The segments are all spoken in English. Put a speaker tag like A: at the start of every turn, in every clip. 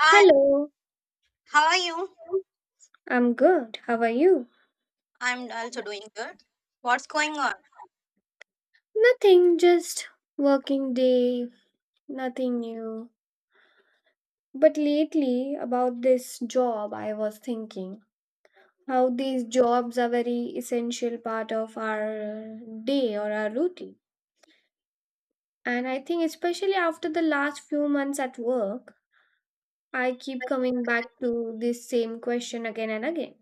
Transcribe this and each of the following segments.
A: Hi,
B: Hello,
A: how are you?
B: I'm good. How are you?
A: I'm also doing good. What's going on?
B: Nothing, just working day, nothing new. But lately, about this job, I was thinking how these jobs are very essential part of our day or our routine. And I think, especially after the last few months at work, I keep coming back to this same question again and again.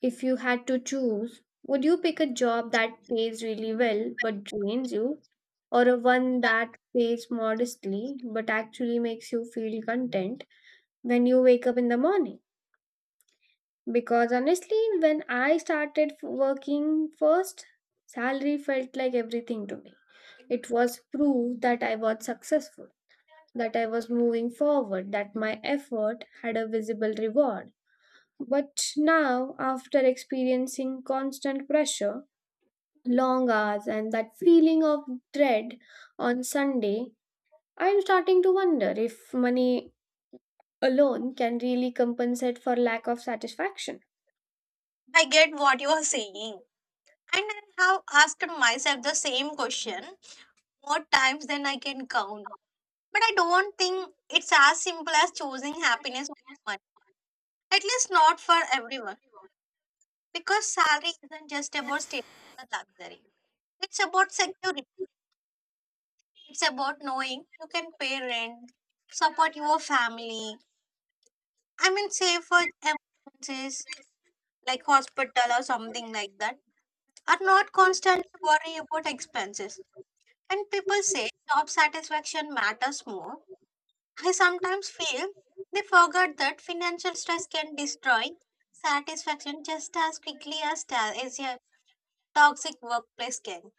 B: If you had to choose, would you pick a job that pays really well but drains you, or a one that pays modestly but actually makes you feel content when you wake up in the morning? Because honestly, when I started working first, salary felt like everything to me. It was proof that I was successful, that I was moving forward, that my effort had a visible reward. But now, after experiencing constant pressure, long hours and that feeling of dread on Sunday, I'm starting to wonder if money alone can really compensate for lack of satisfaction.
A: I get what you are saying. And I have asked myself the same question more times than I can count. But I don't think it's as simple as choosing happiness over money. At least not for everyone. Because salary isn't just about status or luxury. It's about security. It's about knowing you can pay rent, support your family. I mean, save for emergencies like hospital or something like that, are not constantly worried about expenses. And people say job satisfaction matters more. I sometimes feel they forget that financial stress can destroy satisfaction just as quickly as, as your toxic workplace can.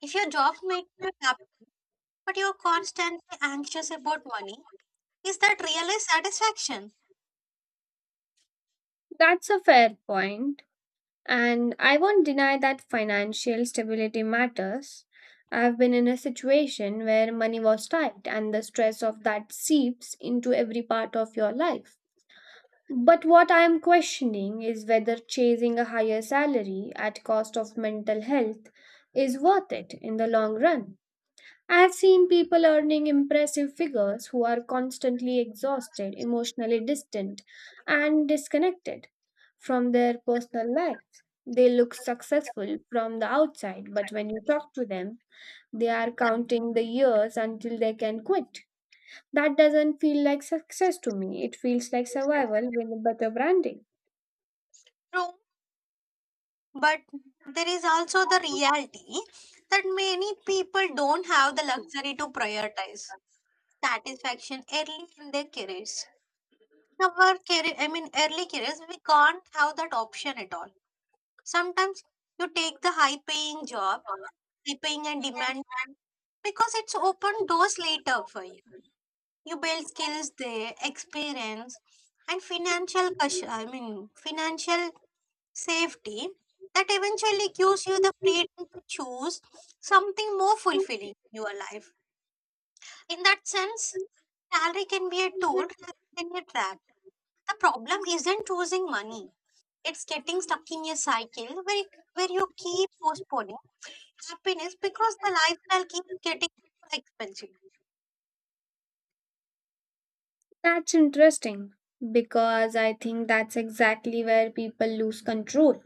A: If your job makes you happy but you're constantly anxious about money, is that really satisfaction?
B: That's a fair point, and I won't deny that financial stability matters. I've been in a situation where money was tight, and the stress of that seeps into every part of your life. But what I am questioning is whether chasing a higher salary at cost of mental health is worth it in the long run. I have seen people earning impressive figures who are constantly exhausted, emotionally distant, and disconnected from their personal lives. They look successful from the outside, but when you talk to them, they are counting the years until they can quit. That doesn't feel like success to me. It feels like survival with better branding.
A: True. But there is also the reality that many people don't have the luxury to prioritize satisfaction early in their careers. Our career, I mean, early careers, we can't have that option at all. Sometimes you take the high paying job, high paying and demand because it's open doors later for you. You build skills there, experience, and financial, I mean, financial safety that eventually gives you the freedom to choose something more fulfilling in your life. In that sense, salary can be a tool rather than a trap. The problem isn't choosing money. It's getting stuck in a cycle where you keep postponing happiness because the lifestyle keeps getting more expensive.
B: That's interesting because I think that's exactly where people lose control.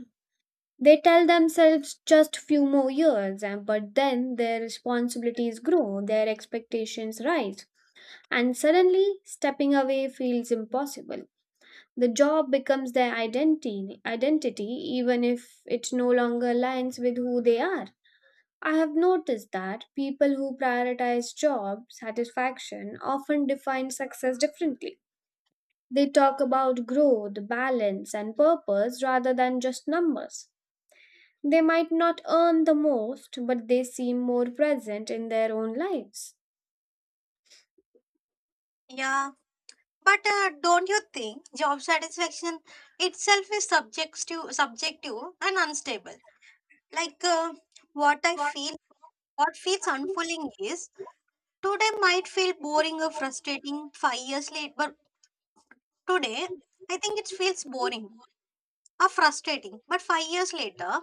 B: They tell themselves just few more years, but then their responsibilities grow, their expectations rise, and suddenly stepping away feels impossible. The job becomes their identity even if it no longer aligns with who they are. I have noticed that people who prioritize job satisfaction often define success differently. They talk about growth, balance, and purpose rather than just numbers. They might not earn the most, but they seem more present in their own lives.
A: Yeah, but don't you think job satisfaction itself is subjective and unstable? Like what I feel What feels unfulfilling is today might feel boring or frustrating five years later, but today I think it feels boring or frustrating. But five years later,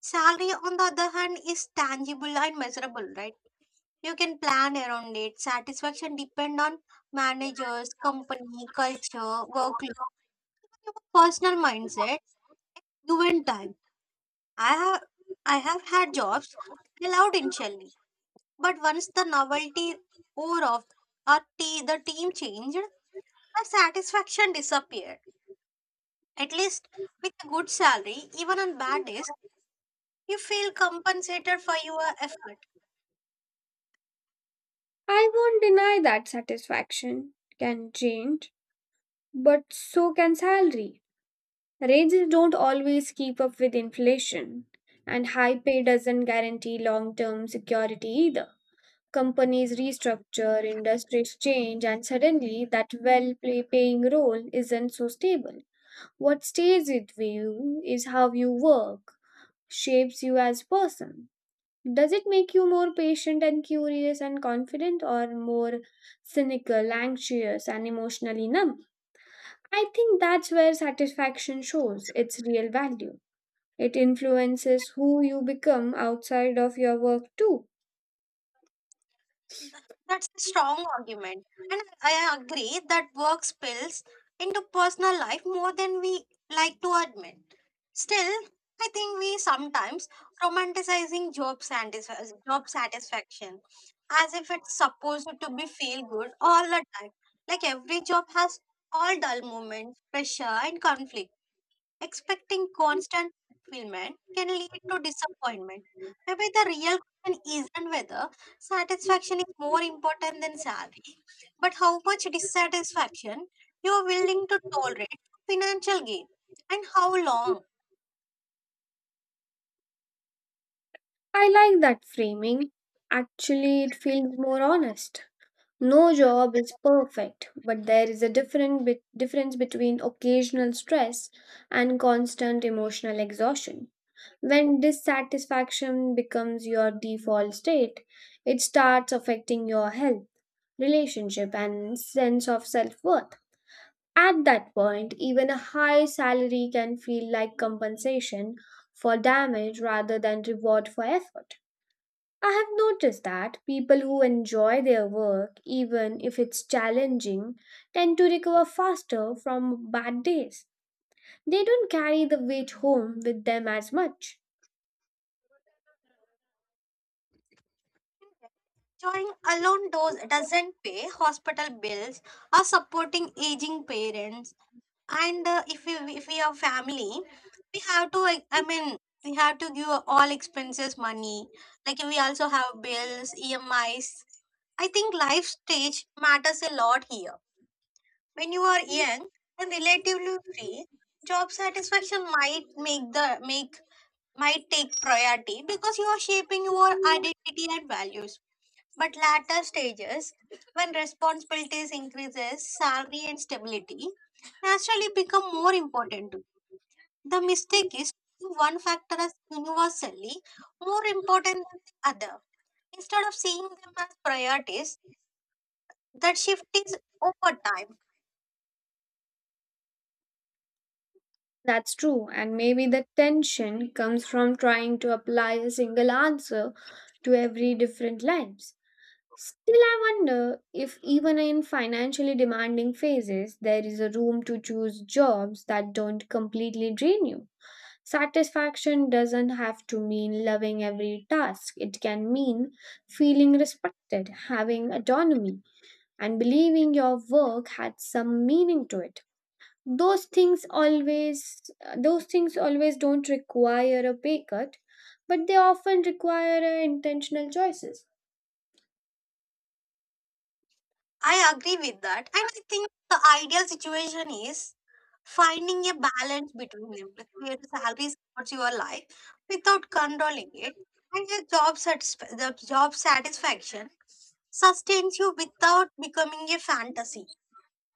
A: salary on the other hand is tangible and measurable, right? You can plan around it. Satisfaction depend on managers, company, culture, workload, your personal mindset, you and time. I have I have had jobs I loved initially. But once the novelty wore off or the team changed, the satisfaction disappeared. At least with a good salary, even on bad days, you feel compensated for your effort.
B: I won't deny that satisfaction can change, but so can salary. Raises don't always keep up with inflation, and high pay doesn't guarantee long term security either. Companies restructure, industries change, and suddenly that well paying role isn't so stable. What stays with you is how you work, shapes you as person. Does it make you more patient and curious and confident or more cynical, anxious and emotionally numb? I think that's where satisfaction shows its real value. It influences who you become outside of your work too.
A: Th- That's a strong argument. And I agree that work spills into personal life more than we like to admit. Still, I think we sometimes romanticizing job satisfaction as if it's supposed to be feel good all the time. Like every job has all dull moments, pressure and conflict. Expecting constant fulfillment can lead to disappointment. Maybe the real question isn't whether satisfaction is more important than salary, but how much dissatisfaction you are willing to tolerate for financial gain and how long.
B: I like that framing. Actually, it feels more honest. No job is perfect, but there is a different bit difference between occasional stress and constant emotional exhaustion. When dissatisfaction becomes your default state, it starts affecting your health, relationship, and sense of self worth. At that point, even a high salary can feel like compensation for damage rather than reward for effort. I have noticed that people who enjoy their work, even if it's challenging, tend to recover faster from bad days. They don't carry the weight home with them as much.
A: Joining alone does, doesn't pay hospital bills or supporting aging parents and if we are family we have to like, I mean we have to give all expenses money like we also have bills emis. I think life stage matters a lot here when you are young and relatively free, job satisfaction might make the make might take priority because you are shaping your identity and values, but latter stages, when responsibilities increases, salary and stability naturally become more important too. The mistake is seeing one factor as universally more important than the other. Instead of seeing them as priorities, that shift is over time.
B: That's true, and maybe the tension comes from trying to apply a single answer to every different lives. Still, I wonder if even in financially demanding phases, there is a room to choose jobs that don't completely drain you. Satisfaction doesn't have to mean loving every task. It can mean feeling respected, having autonomy, and believing your work had some meaning to it. Those things always those things always don't require a pay cut, but they often require intentional choices.
A: I agree with that. And I think the ideal situation is finding a balance between them, like where salary supports your life without controlling it, and the job, the job satisfaction sustains you without becoming a fantasy.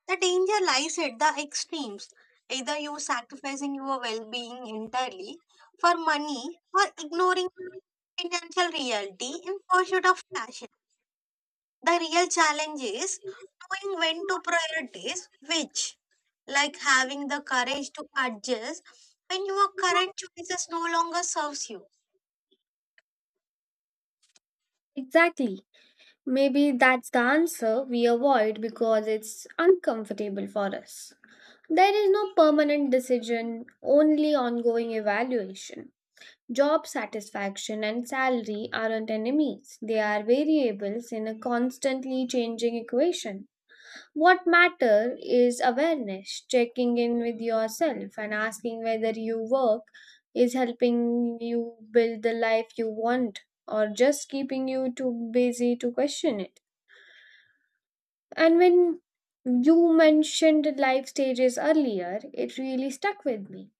A: The danger lies at the extremes. Either you sacrificing your well being entirely for money or ignoring financial reality in pursuit of passion, the real challenge is knowing when to prioritize which, like having the courage to adjust when your current choices no longer serves you.
B: Exactly. Maybe that's the answer we avoid because it's uncomfortable for us. There is no permanent decision, only ongoing evaluation. Job satisfaction and salary aren't enemies, they are variables in a constantly changing equation. What matter is awareness, checking in with yourself and asking whether your work is helping you build the life you want or just keeping you too busy to question it. And when you mentioned life stages earlier, it really stuck with me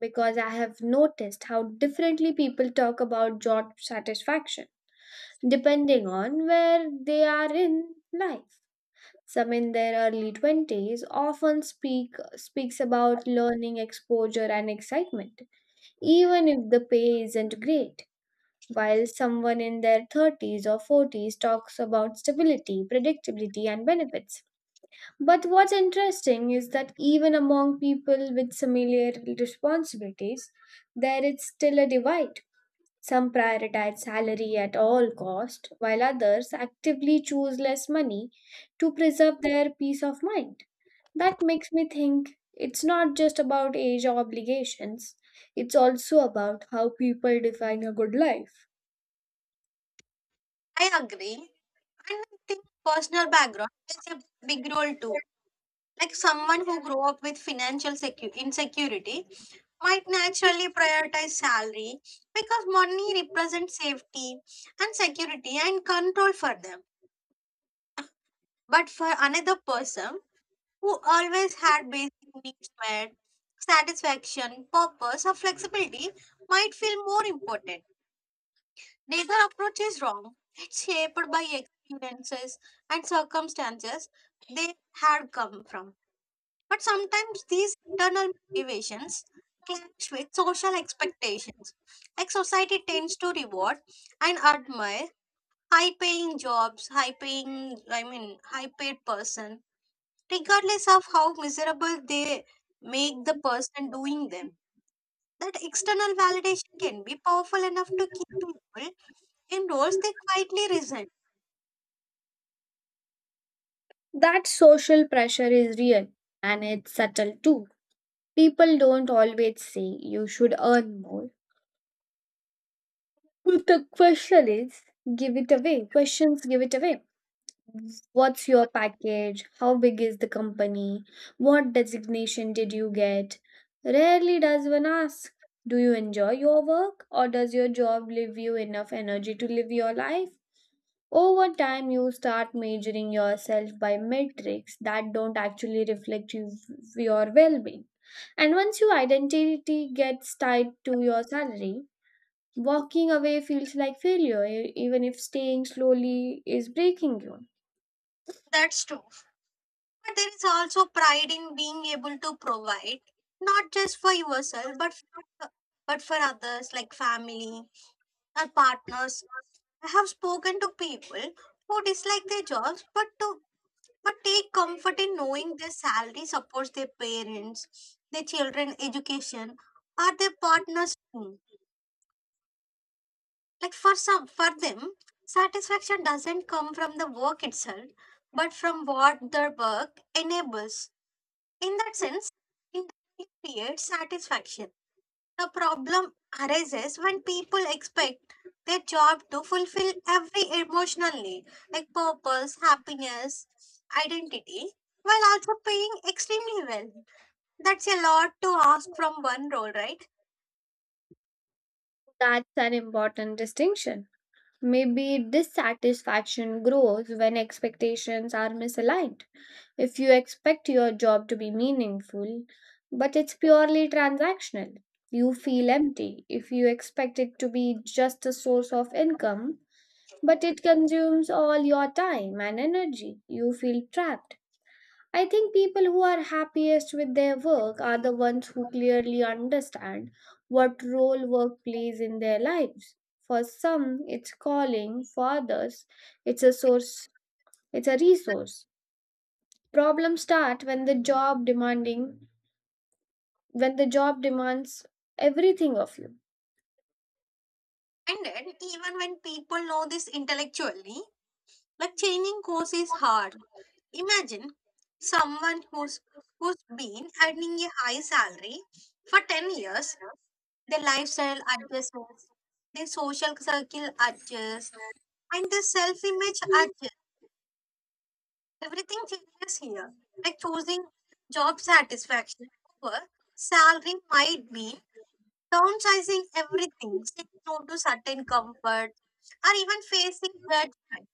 B: because I have noticed how differently people talk about job satisfaction depending on where they are in life. Some in their early 20s often speaks about learning exposure and excitement even if the pay isn't great, while someone in their 30s or 40s talks about stability predictability and benefits. But what's interesting is that even among people with similar responsibilities, there is still a divide. Some prioritize salary at all cost, while others actively choose less money to preserve their peace of mind. That makes me think it's not just about age or obligations, it's also about how people define a good life.
A: I agree. And I think personal background plays a big role too. Like someone who grew up with financial insecurity might naturally prioritize salary because money represents safety and security and control for them. But for another person who always had basic needs met, satisfaction, purpose, or flexibility might feel more important. Neither approach is wrong. It's shaped by experiences and circumstances they had come from. But sometimes these internal motivations clash with social expectations. Like society tends to reward and admire high paying jobs, high paying I mean high paid person, regardless of how miserable they make the person doing them. That external validation can be powerful enough to keep people in roles they quietly resent.
B: That social pressure is real and it's subtle too. People don't always say you should earn more. But the question is give it away. Questions give it away. What's your package? How big is the company? What designation did you get? Rarely does one ask, do you enjoy your work, or does your job leave you enough energy to live your life? Over time, you start measuring yourself by metrics that don't actually reflect you, your well being. And once your identity gets tied to your salary, walking away feels like failure, even if staying slowly is breaking you.
A: That's true. But there is also pride in being able to provide, not just for yourself, but for others like family or partners. I have spoken to people who dislike their jobs, but take comfort in knowing their salary supports their parents, their children' education, or their partner's dream. Like for some, for them, satisfaction doesn't come from the work itself, but from what their work enables. In that sense, it creates satisfaction. The problem arises when people expect their job to fulfill every emotional need, like purpose, happiness, identity, while also paying extremely well. That's a lot to ask from one role, right?
B: That's an important distinction. Maybe dissatisfaction grows when expectations are misaligned. If you expect your job to be meaningful, but it's purely transactional, you feel empty. If you expect it to be just a source of income, but it consumes all your time and energy. You feel trapped. I think people who are happiest with their work are the ones who clearly understand what role work plays in their lives. For some, it's calling, for others, it's a source, it's a resource. Problems start when the job demands everything of you.
A: And then, even when people know this intellectually, like changing course is hard. Imagine someone who's been earning a high salary for 10 years. The lifestyle adjusts, the social circle adjusts, and the self image adjusts. Everything changes here. Like choosing job satisfaction over salary might mean downsizing everything, saying no to certain comfort, or even facing judgment,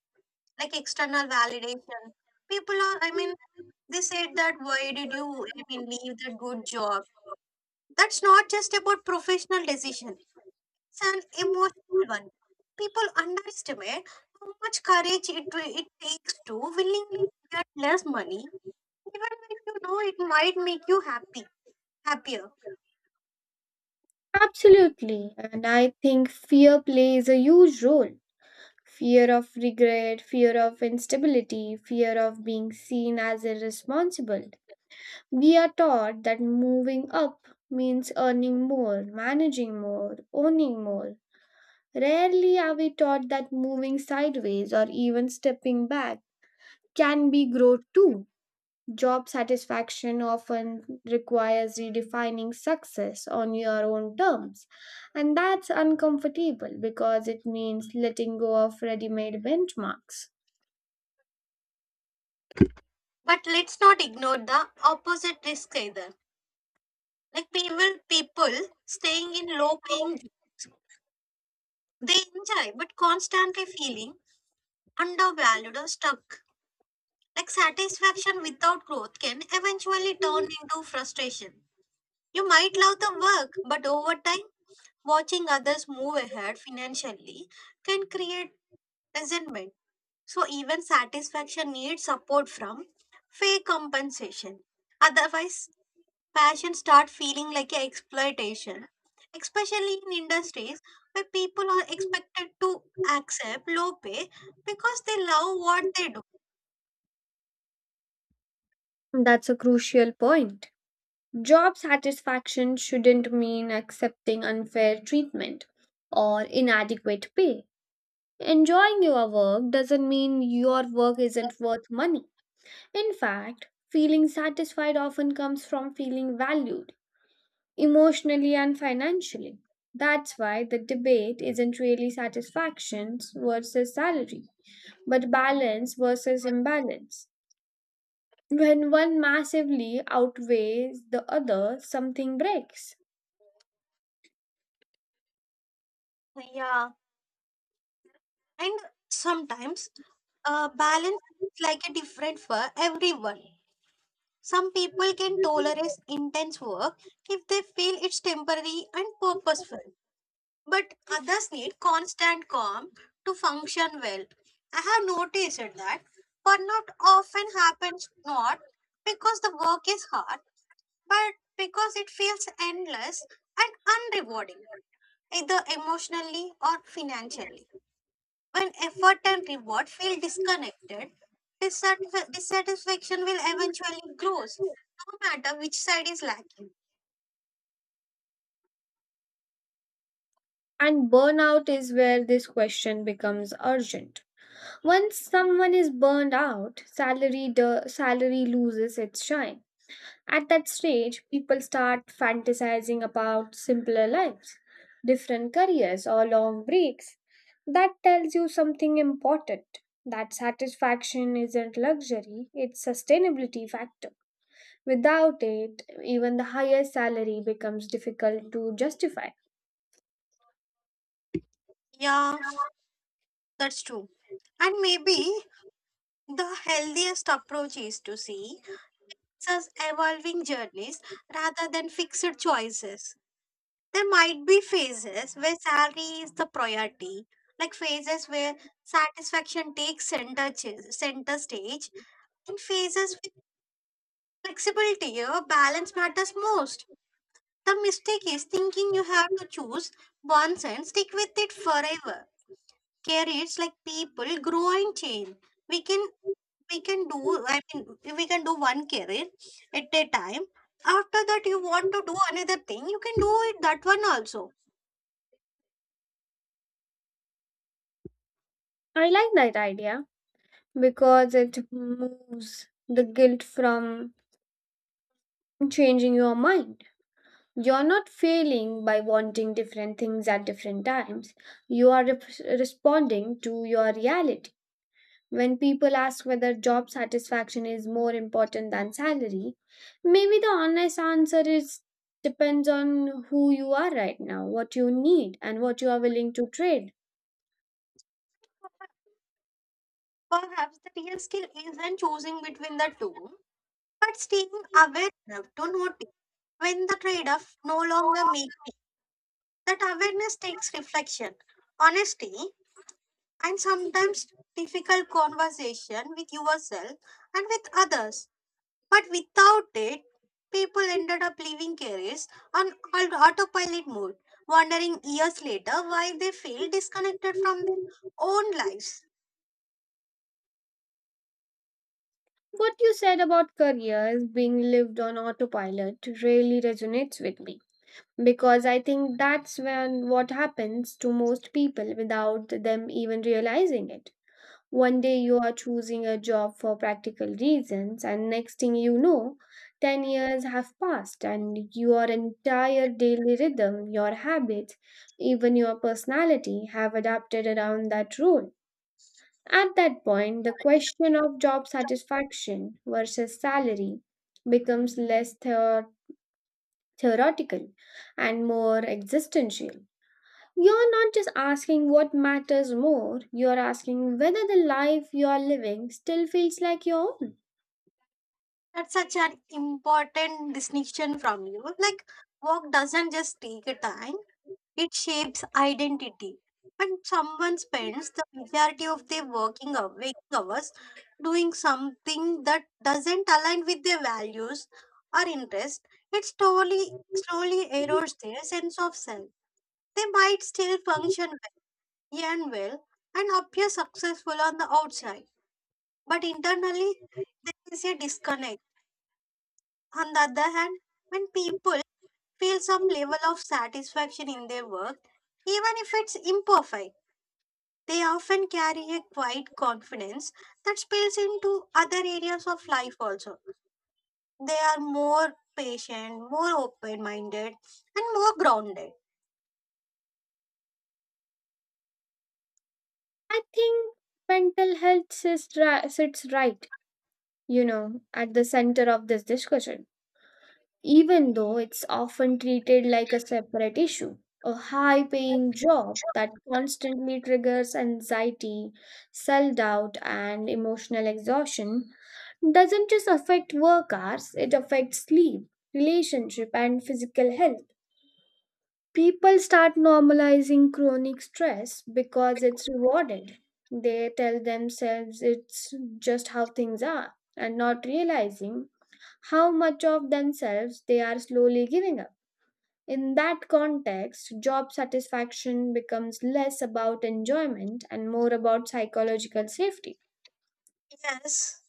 A: like external validation. People are, I mean, they said that why did you, I mean, leave that good job? That's not just about professional decision, it's an emotional one. People underestimate how much courage it takes to willingly get less money, even when you know it might make you happier.
B: Absolutely, and I think fear plays a huge role, fear of regret, fear of instability, fear of being seen as irresponsible. We are taught that moving up means earning more, managing more, owning more. Rarely are we taught that moving sideways or even stepping back can be growth too. Job satisfaction often requires redefining success on your own terms, and that's uncomfortable because it means letting go of ready made benchmarks.
A: But let's not ignore the opposite risk either. Like people staying in low-paying jobs, they enjoy but constantly feeling undervalued or stuck. Like satisfaction without growth can eventually turn into frustration. You might love the work, but over time watching others move ahead financially can create resentment. So, even satisfaction needs support from fake compensation. Otherwise, passion starts feeling like a exploitation, especially in industries where people are expected to accept low pay because they love what they do.
B: That's a crucial point. Job satisfaction shouldn't mean accepting unfair treatment or inadequate pay. Enjoying your work doesn't mean your work isn't worth money. In fact, feeling satisfied often comes from feeling valued, emotionally and financially. That's why the debate isn't really satisfactions versus salary, but balance versus imbalance. When one massively outweighs the other, something breaks.
A: Yeah. And sometimes balance is like a different for everyone. Some people can tolerate intense work if they feel it's temporary and purposeful, but others need constant calm to function well. I have noticed that burnout often happens not because the work is hard, but because it feels endless and unrewarding, either emotionally or financially. When effort and reward feel disconnected, dissatisfaction will eventually grow, no matter which side is lacking.
B: And burnout is where this question becomes urgent. Once someone is burned out, salary loses its shine. At that stage, people start fantasizing about simpler lives, different careers or long breaks. That tells you something important. That satisfaction isn't luxury, it's sustainability factor. Without it, even the highest salary becomes difficult to justify.
A: Yeah, that's true. And maybe the healthiest approach is to see such evolving journeys rather than fixed choices. There might be phases where salary is the priority, like phases where satisfaction takes center stage, and phases with flexibility, your balance matters most. The mistake is thinking you have to choose once and stick with it forever. Careers like people grow and change. We can we can do I mean we can do one career at a time. After that you want to do another thing, you can do it that one also.
B: I like that idea because it moves the guilt from changing your mind. You're not failing by wanting different things at different times. You are responding to your reality. When people ask whether job satisfaction is more important than salary, maybe the honest answer is depends on who you are right now, what you need, and what you are willing to trade.
A: Perhaps the real skill isn't choosing between the two, but staying aware enough to notice when the trade-off no longer makes that awareness takes reflection. Honesty and sometimes difficult conversation with yourself and with others. But without it, people ended up leaving careers on autopilot mode, wondering years later why they feel disconnected from their own lives.
B: What you said about careers being lived on autopilot really resonates with me because I think that's when what happens to most people without them even realizing it. One day you are choosing a job for practical reasons, and next thing you know, 10 years have passed, and your entire daily rhythm, your habits, even your personality have adapted around that role. At that point, the question of job satisfaction versus salary becomes less theoretical and more existential. You're not just asking what matters more, you're asking whether the life you're living still feels like your own.
A: That's such an important distinction from you. Like, work doesn't just take a time, it shapes identity. When someone spends the majority of their working waking hours doing something that doesn't align with their values or interests, it slowly slowly erodes their sense of self. They might still function well and appear successful on the outside, but internally there is a disconnect. On the other hand, when people feel some level of satisfaction in their work, even if it's imperfect, they often carry a quiet confidence that spills into other areas of life also. They are more patient, more open minded, and more grounded.
B: I think mental health sits right, you know, at the center of this discussion, even though it's often treated like a separate issue. A high paying job that constantly triggers anxiety, self doubt, and emotional exhaustion doesn't just affect work hours, it affects sleep, relationship, and physical health. People start normalizing chronic stress because it's rewarded. They tell themselves it's just how things are and not realizing how much of themselves they are slowly giving up. In that context, job satisfaction becomes less about enjoyment and more about psychological safety.
A: Yes.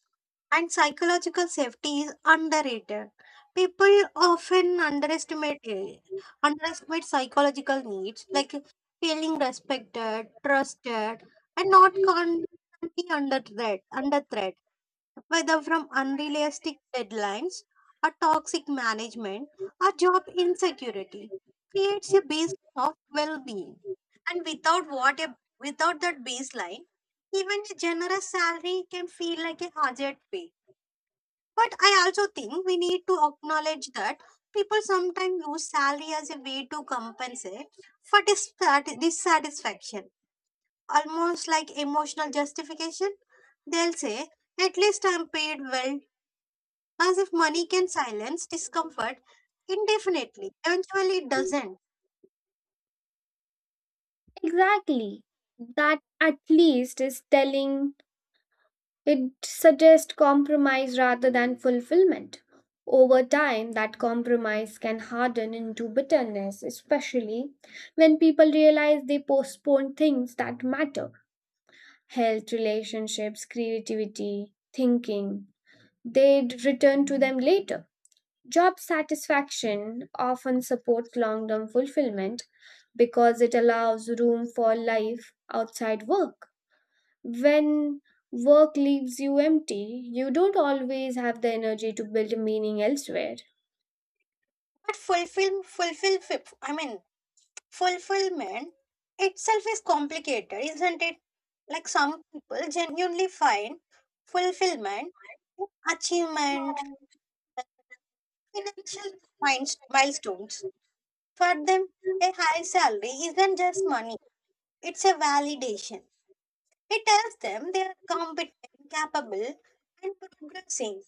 A: And psychological safety is underrated. People often underestimate psychological needs like feeling respected, trusted, and not be under threat. Under threat. Whether from unrealistic deadlines, a toxic management, or job insecurity, creates a baseline of well-being. And without without that baseline, even a generous salary can feel like a hazard pay. But I also think we need to acknowledge that people sometimes use salary as a way to compensate for dissatisfaction, almost like emotional justification. They'll say, at least I'm paid well, as if money can silence discomfort indefinitely. Eventually, it doesn't.
B: Exactly. That "at least" is telling. It suggests compromise rather than fulfillment. Over time, that compromise can harden into bitterness, especially when people realize they postpone things that matter, health, relationships, creativity, thinking. They would return to them later. Job satisfaction often supports long term fulfillment because it allows room for life outside work. When work leaves you empty, you don't always have the energy to build meaning elsewhere.
A: But I mean, fulfillment itself is complicated, isn't it? Like some people genuinely find fulfillment in achievement, financial milestones. For them, a high salary isn't just money, it's a validation. It tells them they are competent, capable, and progressing.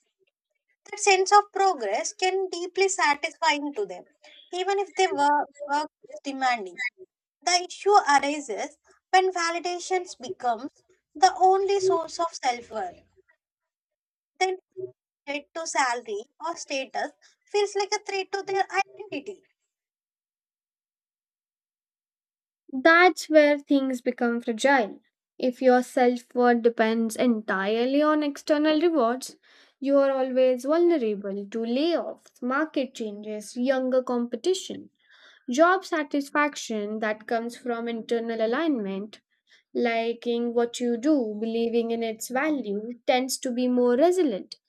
A: That sense of progress can deeply satisfying to them, even if their work is demanding. The issue arises when validations becomes the only source of self-worth, then threat to salary or status feels like a threat to their identity.
B: That's where things become fragile. If your self worth depends entirely on external rewards, you are always vulnerable to layoffs, market changes, younger competition, job satisfaction that comes from internal alignment. Liking what you do, believing in its value, tends to be more resilient.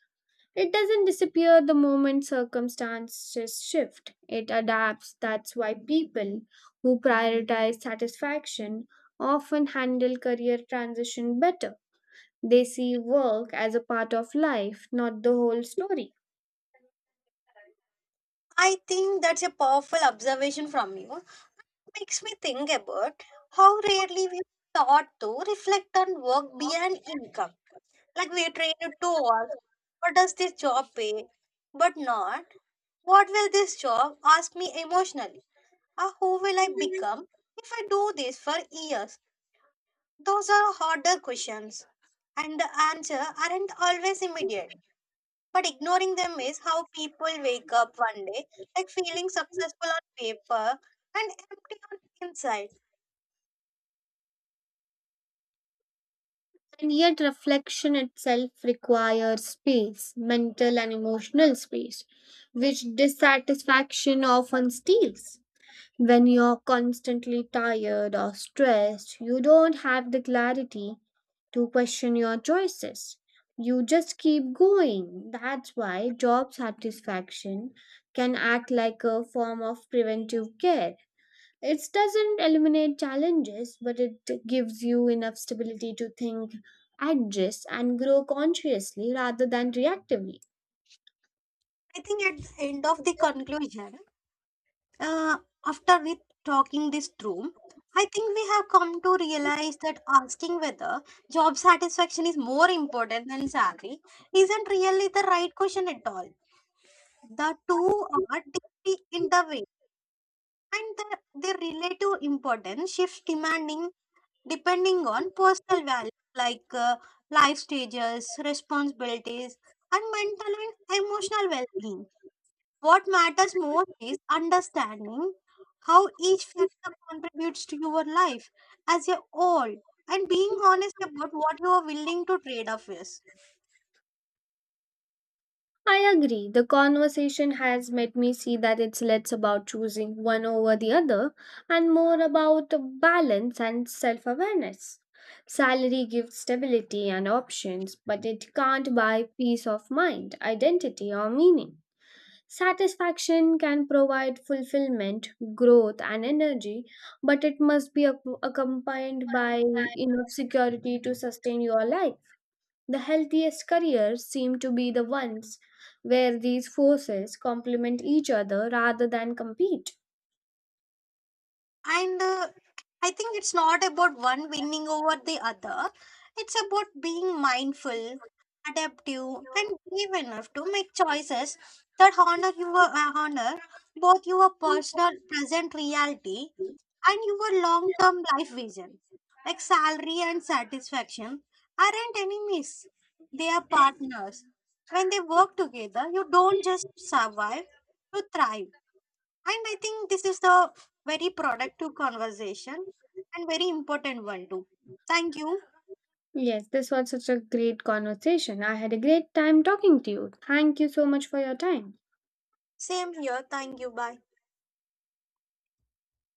B: It doesn't disappear the moment circumstances shift. It adapts. That's why people who prioritize satisfaction often handle career transition better. They see work as a part of life, not the whole story.
A: I think that's a powerful observation from you. Makes me think about how rarely we thought to reflect on work beyond income. Like we are trained to ask what does this job pay, but not what will this job ask me emotionally? Or who will I become if I do this for years? Those are harder questions, and the answer aren't always immediate. But ignoring them is how people wake up one day, like feeling successful on paper and empty on the inside.
B: And yet, reflection itself requires space, mental and emotional space, which dissatisfaction often steals. When you're constantly tired or stressed, you don't have the clarity to question your choices. You just keep going. That's why job satisfaction can act like a form of preventive care. It doesn't eliminate challenges, but it gives you enough stability to think, adjust, and grow consciously rather than reactively.
A: I think at the end of the conclusion, Uh, after we talking this through, I think we have come to realize that asking whether job satisfaction is more important than salary isn't really the right question at all. The two are deeply intertwined, and their relative importance shifts demanding depending on personal values like life stages, responsibilities, and mental and emotional well-being. What matters most is understanding how each factor contributes to your life as a whole and being honest about what you are willing to trade off is.
B: I agree. The conversation has made me see that it's less about choosing one over the other and more about balance and self awareness. Salary gives stability and options, but it can't buy peace of mind, identity, or meaning. Satisfaction can provide fulfillment, growth, and energy, but it must be accompanied by enough security to sustain your life. The healthiest careers seem to be the ones where these forces complement each other rather than compete.
A: And I think it's not about one winning over the other, it's about being mindful, adaptive, and brave enough to make choices that honor your honor both your personal present reality and your long term life vision. Like salary and satisfaction aren't enemies, they are partners. When they work together, you don't just survive, you thrive. And I think this is the very productive conversation and very important one too. Thank you.
B: Yes, this was such a great conversation. I had a great time talking to you. Thank you so much for your time.
A: Same here. Thank you. Bye.